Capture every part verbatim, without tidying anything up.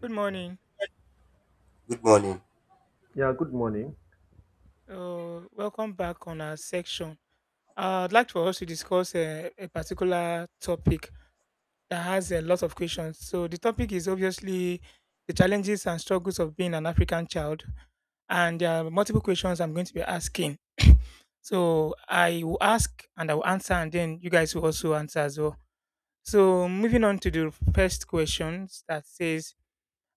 Good morning. Good morning. Yeah, good morning. Uh, welcome back on our section. Uh, I'd like for us to discuss a, a particular topic that has a lot of questions. So, the topic is obviously the challenges and struggles of being an African child. And there are multiple questions I'm going to be asking. So, I will ask and I will answer, and then you guys will also answer as well. So, moving on to the first question that says,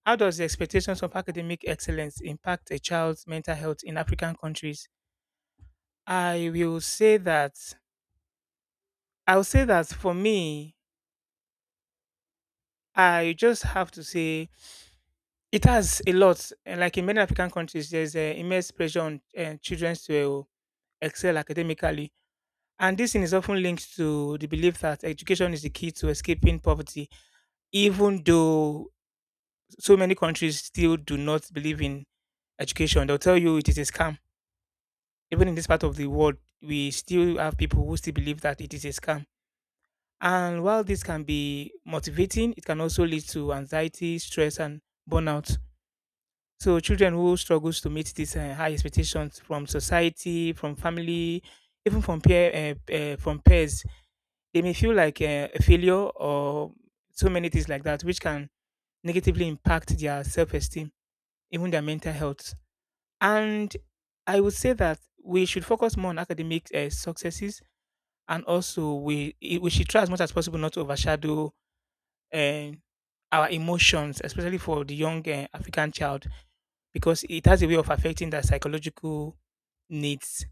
how does the expectations of academic excellence impact a child's mental health in African countries? I will say that I'll say that for me, I just have to say it has a lot. eh, Like in many African countries, there's an immense pressure on uh, children to eh, excel academically. And this thing is often linked to the belief that education is the key to escaping poverty, even though so many countries still do not believe in education. They'll tell you it is a scam. Even in this part of the world, we still have people who still believe that it is a scam. And while this can be motivating, it can also lead to anxiety, stress, and burnout. So children who struggles to meet these uh, high expectations from society, from family, even from peer, uh, uh, from peers, they may feel like uh, a failure or so many things like that, which can negatively impact their self-esteem, even their mental health. And I would say that we should focus more on academic uh, successes, and also we we should try as much as possible not to overshadow uh, our emotions, especially for the young uh, African child, because it has a way of affecting their psychological needs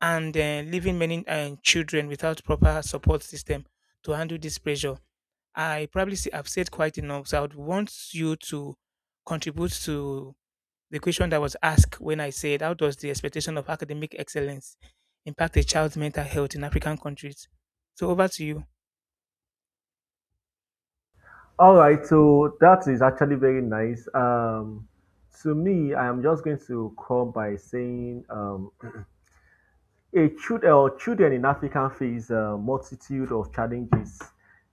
and uh, leaving many uh, children without proper support system to handle this pressure. I probably see, I've said quite enough, so I would want you to contribute to the question that was asked when I said, how does the expectation of academic excellence impact a child's mental health in African countries? So, over to you. All right, so that is actually very nice. Um, to me, I am just going to come by saying um, a child, uh, children in Africa face a multitude of challenges.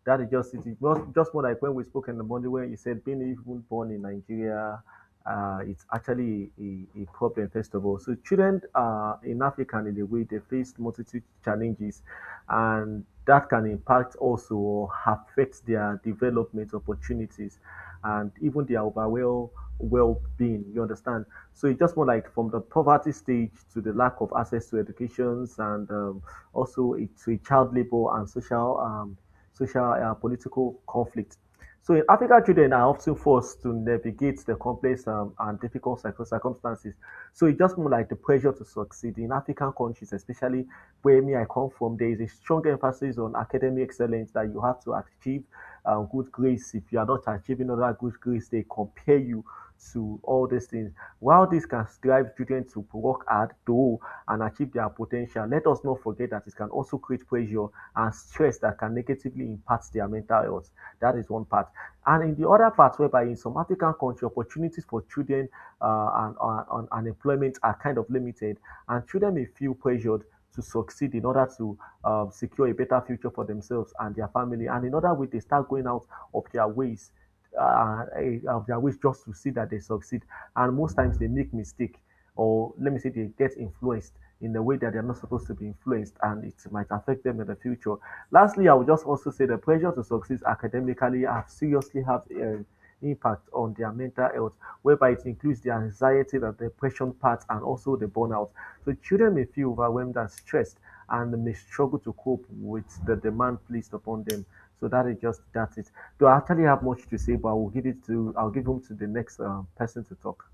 That is just it. Just, just more like when we spoke in the morning, when you said being even born in Nigeria, uh, it's actually a, a problem, first of all. So children uh, in Africa, in a way, they face multitude challenges, and that can impact also or affect their development opportunities and even their overall well-being. You understand? So it's just more like from the poverty stage to the lack of access to educations and um, also it, to a child labor and social, um, social uh, political conflict. So in Africa, children are often forced to navigate the complex um, and difficult circum- circumstances. So it's just more like the pressure to succeed in African countries, especially where me I come from. There is a strong emphasis on academic excellence that you have to achieve um, good grades. If you are not achieving other good grades, they compare you to all these things. While this can drive students to work hard, do, and achieve their potential, let us not forget that it can also create pressure and stress that can negatively impact their mental health. That is one part. And in the other part, whereby in some African countries, opportunities for children uh, and, uh, and, and employment are kind of limited, and children may feel pressured to succeed in order to um, secure a better future for themselves and their family. And in other way, they start going out of their ways, uh, eh, of their ways just to see that they succeed. And most times they make mistake, or let me say they get influenced in a way that they're not supposed to be influenced, and it might affect them in the future. Lastly, I would just also say the pressure to succeed academically have seriously have. Uh, impact on their mental health, whereby it includes the anxiety, the depression part, and also the burnout. So children may feel overwhelmed and stressed and may struggle to cope with the demand placed upon them. So that is just that's it. Do I actually have much to say, but I will give it to I'll give them to the next um, person to talk.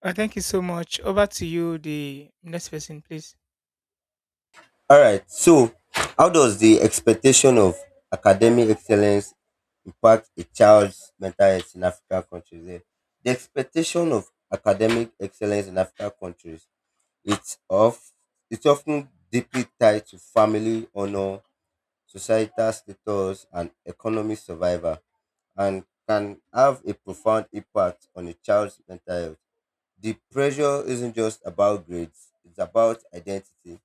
Uh, thank you so much. Over to you, the next person, please. All right. So, how does the expectation of academic excellence impact a child's mental health in African countries? Eh, The expectation of academic excellence in African countries it's of it's often deeply tied to family honor, societal status, and economic survival, and can have a profound impact on a child's mental health. The pressure isn't just about grades; it's about identity,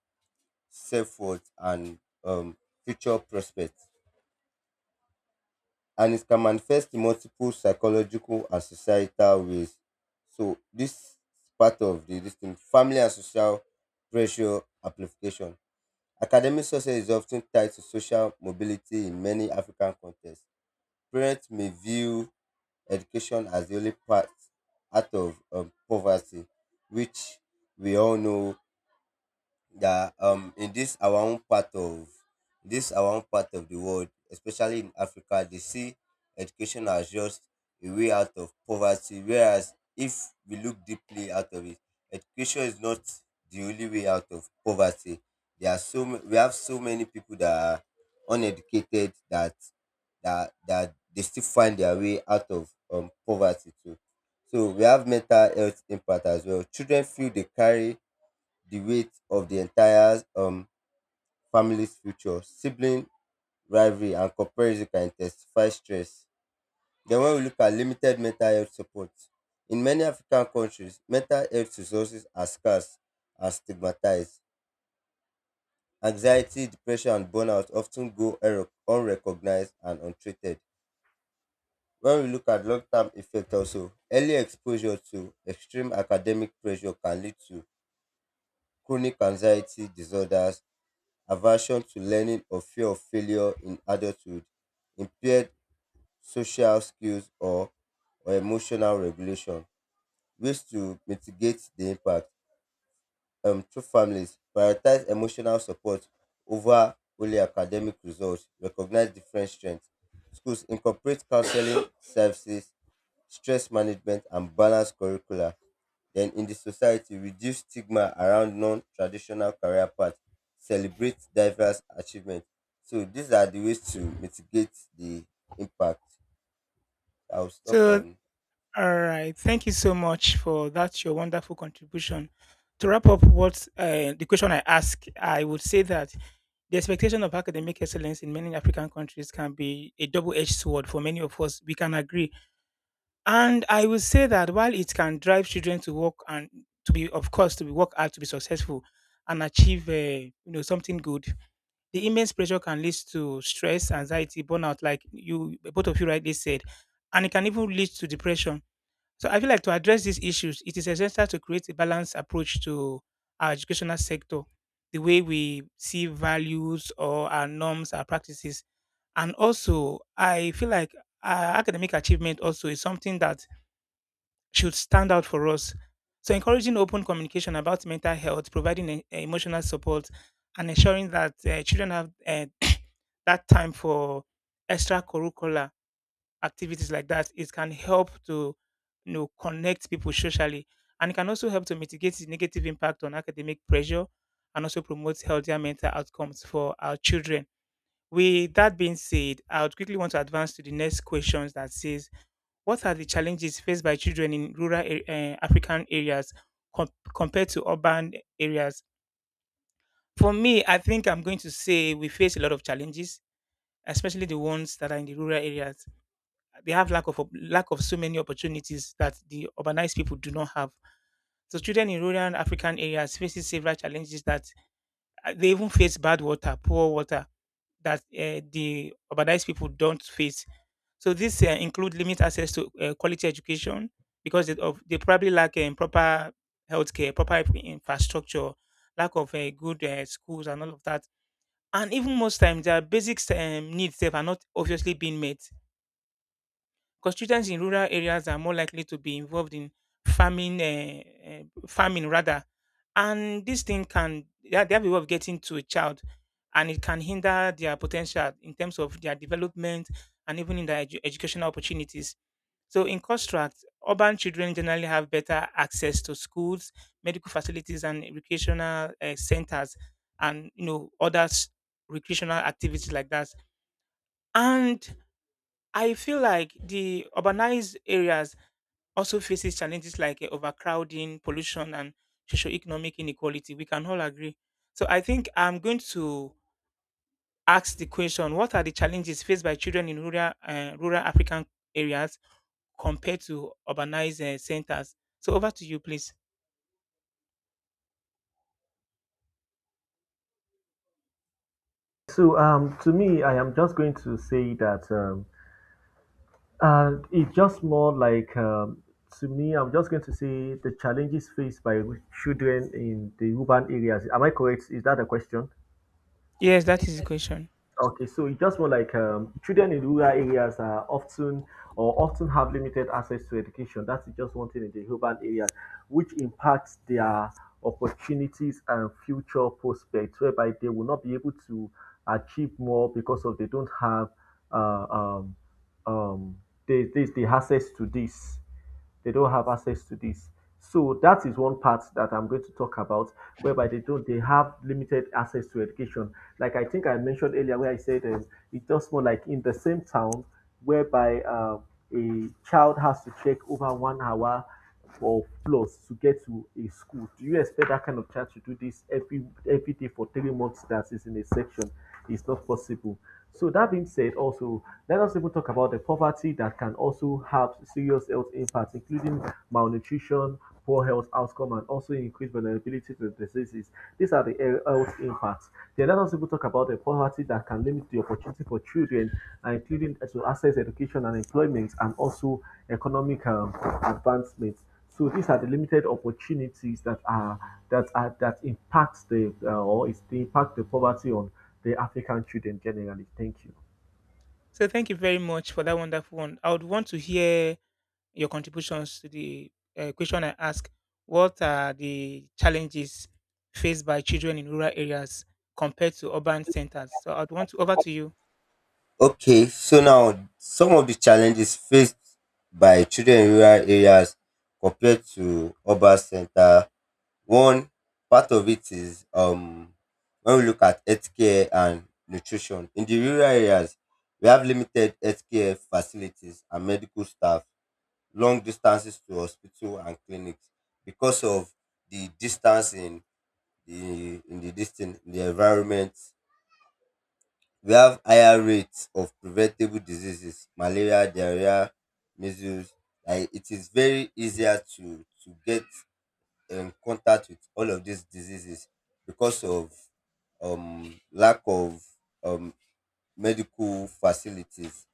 self-worth, and um, future prospects. And it can manifest in multiple psychological and societal ways. So this part of the this thing, family and social pressure amplification. Academic success is often tied to social mobility in many African contexts. Parents may view education as the only path out of um, poverty, which we all know that um in this our own part of this our own part of the world, especially in Africa, they see education as just a way out of poverty. Whereas if we look deeply out of it, education is not the only way out of poverty. There are so ma- we have so many people that are uneducated that that that they still find their way out of um poverty too. So we have mental health impact as well. Children feel they carry the weight of the entire um, family's future. Sibling rivalry and comparison can intensify stress. Then, when we look at limited mental health support, in many African countries, mental health resources are scarce and stigmatized. Anxiety, depression, and burnout often go unrec- unrecognized and untreated. When we look at long term effect also, early exposure to extreme academic pressure can lead to chronic anxiety disorders, aversion to learning or fear of failure in adulthood, impaired social skills or, or emotional regulation. Ways to mitigate the impact. Um, through families, prioritize emotional support over only academic results, recognize different strengths. Schools incorporate counseling services, stress management, and balanced curricula. Then in the society, reduce stigma around non-traditional career paths, celebrate diverse achievements. So these are the ways to mitigate the impact. I'll stop So, on. all right. Thank you so much for that, your wonderful contribution. To wrap up what uh, the question I ask, I would say that the expectation of academic excellence in many African countries can be a double edged sword for many of us. We can agree. And I would say that while it can drive children to work and to be, of course, to be work hard, to be successful and achieve, uh, you know, something good, the immense pressure can lead to stress, anxiety, burnout, like you, both of you rightly said, and it can even lead to depression. So I feel like to address these issues, it is essential to create a balanced approach to our educational sector, the way we see values or our norms, our practices. And also, I feel like uh, academic achievement also is something that should stand out for us. So encouraging open communication about mental health, providing e- emotional support, and ensuring that uh, children have uh, that time for extracurricular activities like that, it can help to you know connect people socially, and it can also help to mitigate the negative impact on academic pressure and also promote healthier mental outcomes for our children. With that being said, I would quickly want to advance to the next questions that says, what are the challenges faced by children in rural uh, African areas com- compared to urban areas? For me, I think I'm going to say we face a lot of challenges, especially the ones that are in the rural areas. They have lack of op- lack of so many opportunities that the urbanized people do not have. So children in rural and African areas faces several challenges that uh, they even face bad water, poor water that uh, the urbanized people don't face. So this uh, include limit access to uh, quality education because they, of, they probably lack um, proper healthcare, proper infrastructure, lack of uh, good uh, schools and all of that. And even most times, their basic um, needs sef are not obviously being met because children in rural areas are more likely to be involved in farming, uh, uh, farming rather, and this thing can they have they have a way of getting to a child, and it can hinder their potential in terms of their development and even in their edu- educational opportunities. So, in construct, urban children generally have better access to schools, medical facilities, and recreational uh, centers, and you know other s- recreational activities like that. And I feel like the urbanized areas also faces challenges like eh, overcrowding, pollution, and socioeconomic inequality. We can all agree. So I think I'm going to ask the question: what are the challenges faced by children in rural uh, rural African areas compared to urbanized uh, centers? So over to you, please. So um, to me, I am just going to say that um, And it's just more like, um, to me, I'm just going to say the challenges faced by children in the urban areas. Am I correct? Is that a question? Yes, that is the question. Okay, so it's just more like um, children in rural areas are often or often have limited access to education. That's just one thing in the urban areas, which impacts their opportunities and future prospects, whereby they will not be able to achieve more because of they don't have uh, um, um, they, they, the access to this they don't have access to this. So that is one part that I'm going to talk about, whereby they don't they have limited access to education. Like I think I mentioned earlier, where I said um, it's just more like in the same town, whereby uh, a child has to trek over one hour or plus to get to a school. Do you expect that kind of child to do this every every day for three months? That is in a section. It's not possible. So that being said, also let us even talk about the poverty that can also have serious health impacts, including malnutrition, poor health outcome, and also increased vulnerability to diseases. These are the health impacts. Then let us even talk about the poverty that can limit the opportunity for children including to access education and employment and also economic um, advancement. So these are the limited opportunities that are that are that impact the uh, or is the impact the poverty on the African children generally. Thank you. So thank you very much for that wonderful one. I would want to hear your contributions to the uh, question I asked. What are the challenges faced by children in rural areas compared to urban centers? So I'd want to over to you. Okay, so now some of the challenges faced by children in rural areas compared to urban center. One part of it is um when we look at healthcare and nutrition in the rural areas, we have limited healthcare facilities and medical staff, long distances to hospital and clinics because of the distance in the in the distance in the environment. We have higher rates of preventable diseases, malaria, diarrhea, measles. Like, it is very easier to to get in contact with all of these diseases because of um lack of um medical facilities.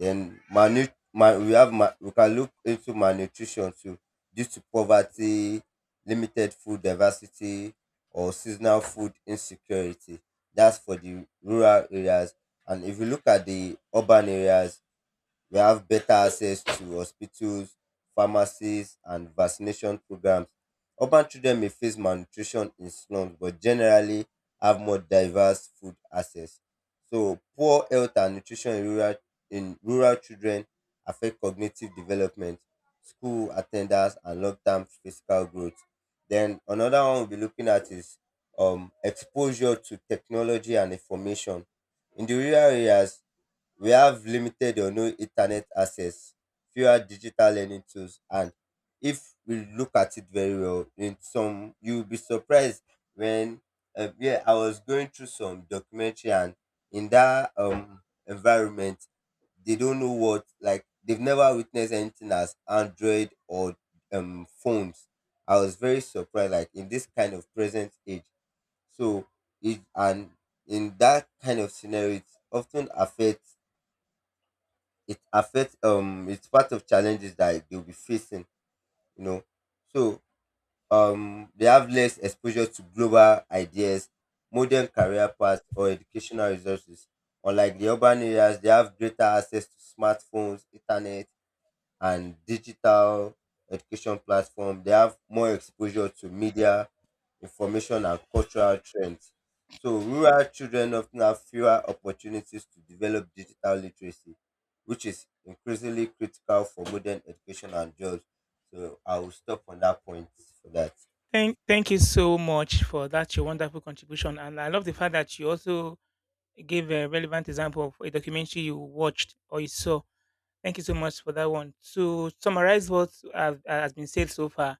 Then malnu mal we have mal We can look into malnutrition too, due to poverty, limited food diversity, or seasonal food insecurity. That's for the rural areas. And if you look at the urban areas, we have better access to hospitals, pharmacies, and vaccination programs. Urban children may face malnutrition in slums, but generally have more diverse food access. So, poor health and nutrition in rural, in rural children affect cognitive development, school attendance, and long term physical growth. Then, another one we'll be looking at is um, exposure to technology and information. In the rural areas, we have limited or no internet access, fewer digital learning tools, and if we look at it very well, in some you'll be surprised when uh, yeah, I was going through some documentary, and in that um environment, they don't know what, like, they've never witnessed anything as Android or um phones. I was very surprised, like in this kind of present age. So it and in that kind of scenario, it often affects it affects, um it's part of challenges that they'll be facing, you know. So um they have less exposure to global ideas, modern career paths, or educational resources, unlike the urban areas. They have greater access to smartphones, internet, and digital education platform. They have more exposure to media, information, and cultural trends. So, rural children often have fewer opportunities to develop digital literacy, which is increasingly critical for modern education and jobs. So, I will stop on that point for that. Thank, thank you so much for that, your wonderful contribution. And I love the fact that you also gave a relevant example of a documentary you watched or you saw. Thank you so much for that one. To summarize what have- has been said so far,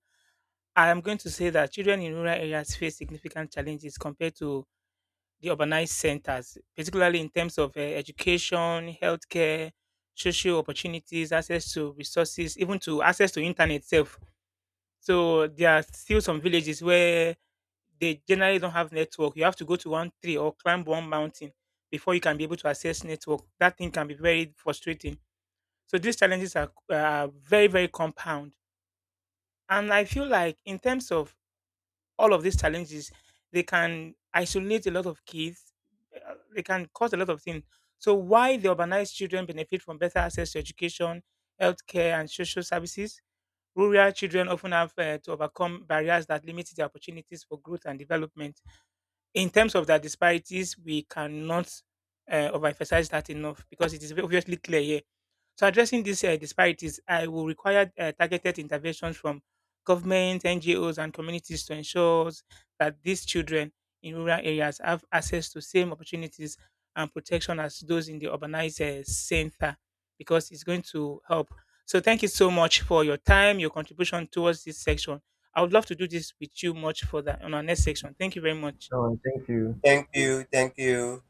I am going to say that children in rural areas face significant challenges compared to the urbanized centers, particularly in terms of uh, education, healthcare, social opportunities, access to resources, even to access to internet itself. So there are still some villages where they generally don't have network. You have to go to one tree or climb one mountain before you can be able to access network. That thing can be very frustrating. So these challenges are, are very, very compound. And I feel like in terms of all of these challenges they can isolate a lot of kids. Uh, they can cause a lot of things. So why the urbanized children benefit from better access to education, healthcare and social services, rural children often have uh, to overcome barriers that limit their opportunities for growth and development. In terms of their disparities we cannot uh, overemphasize that enough because it is obviously clear here. So addressing these uh, disparities, I will require uh, targeted interventions from government, N G Os, and communities to ensure that these children in rural areas have access to same opportunities and protection as those in the urbanized uh, center, because it's going to help. So thank you so much for your time, your contribution towards this section. I would love to do this with you much further on our next section. Thank you very much. Oh, thank you. Thank you. Thank you.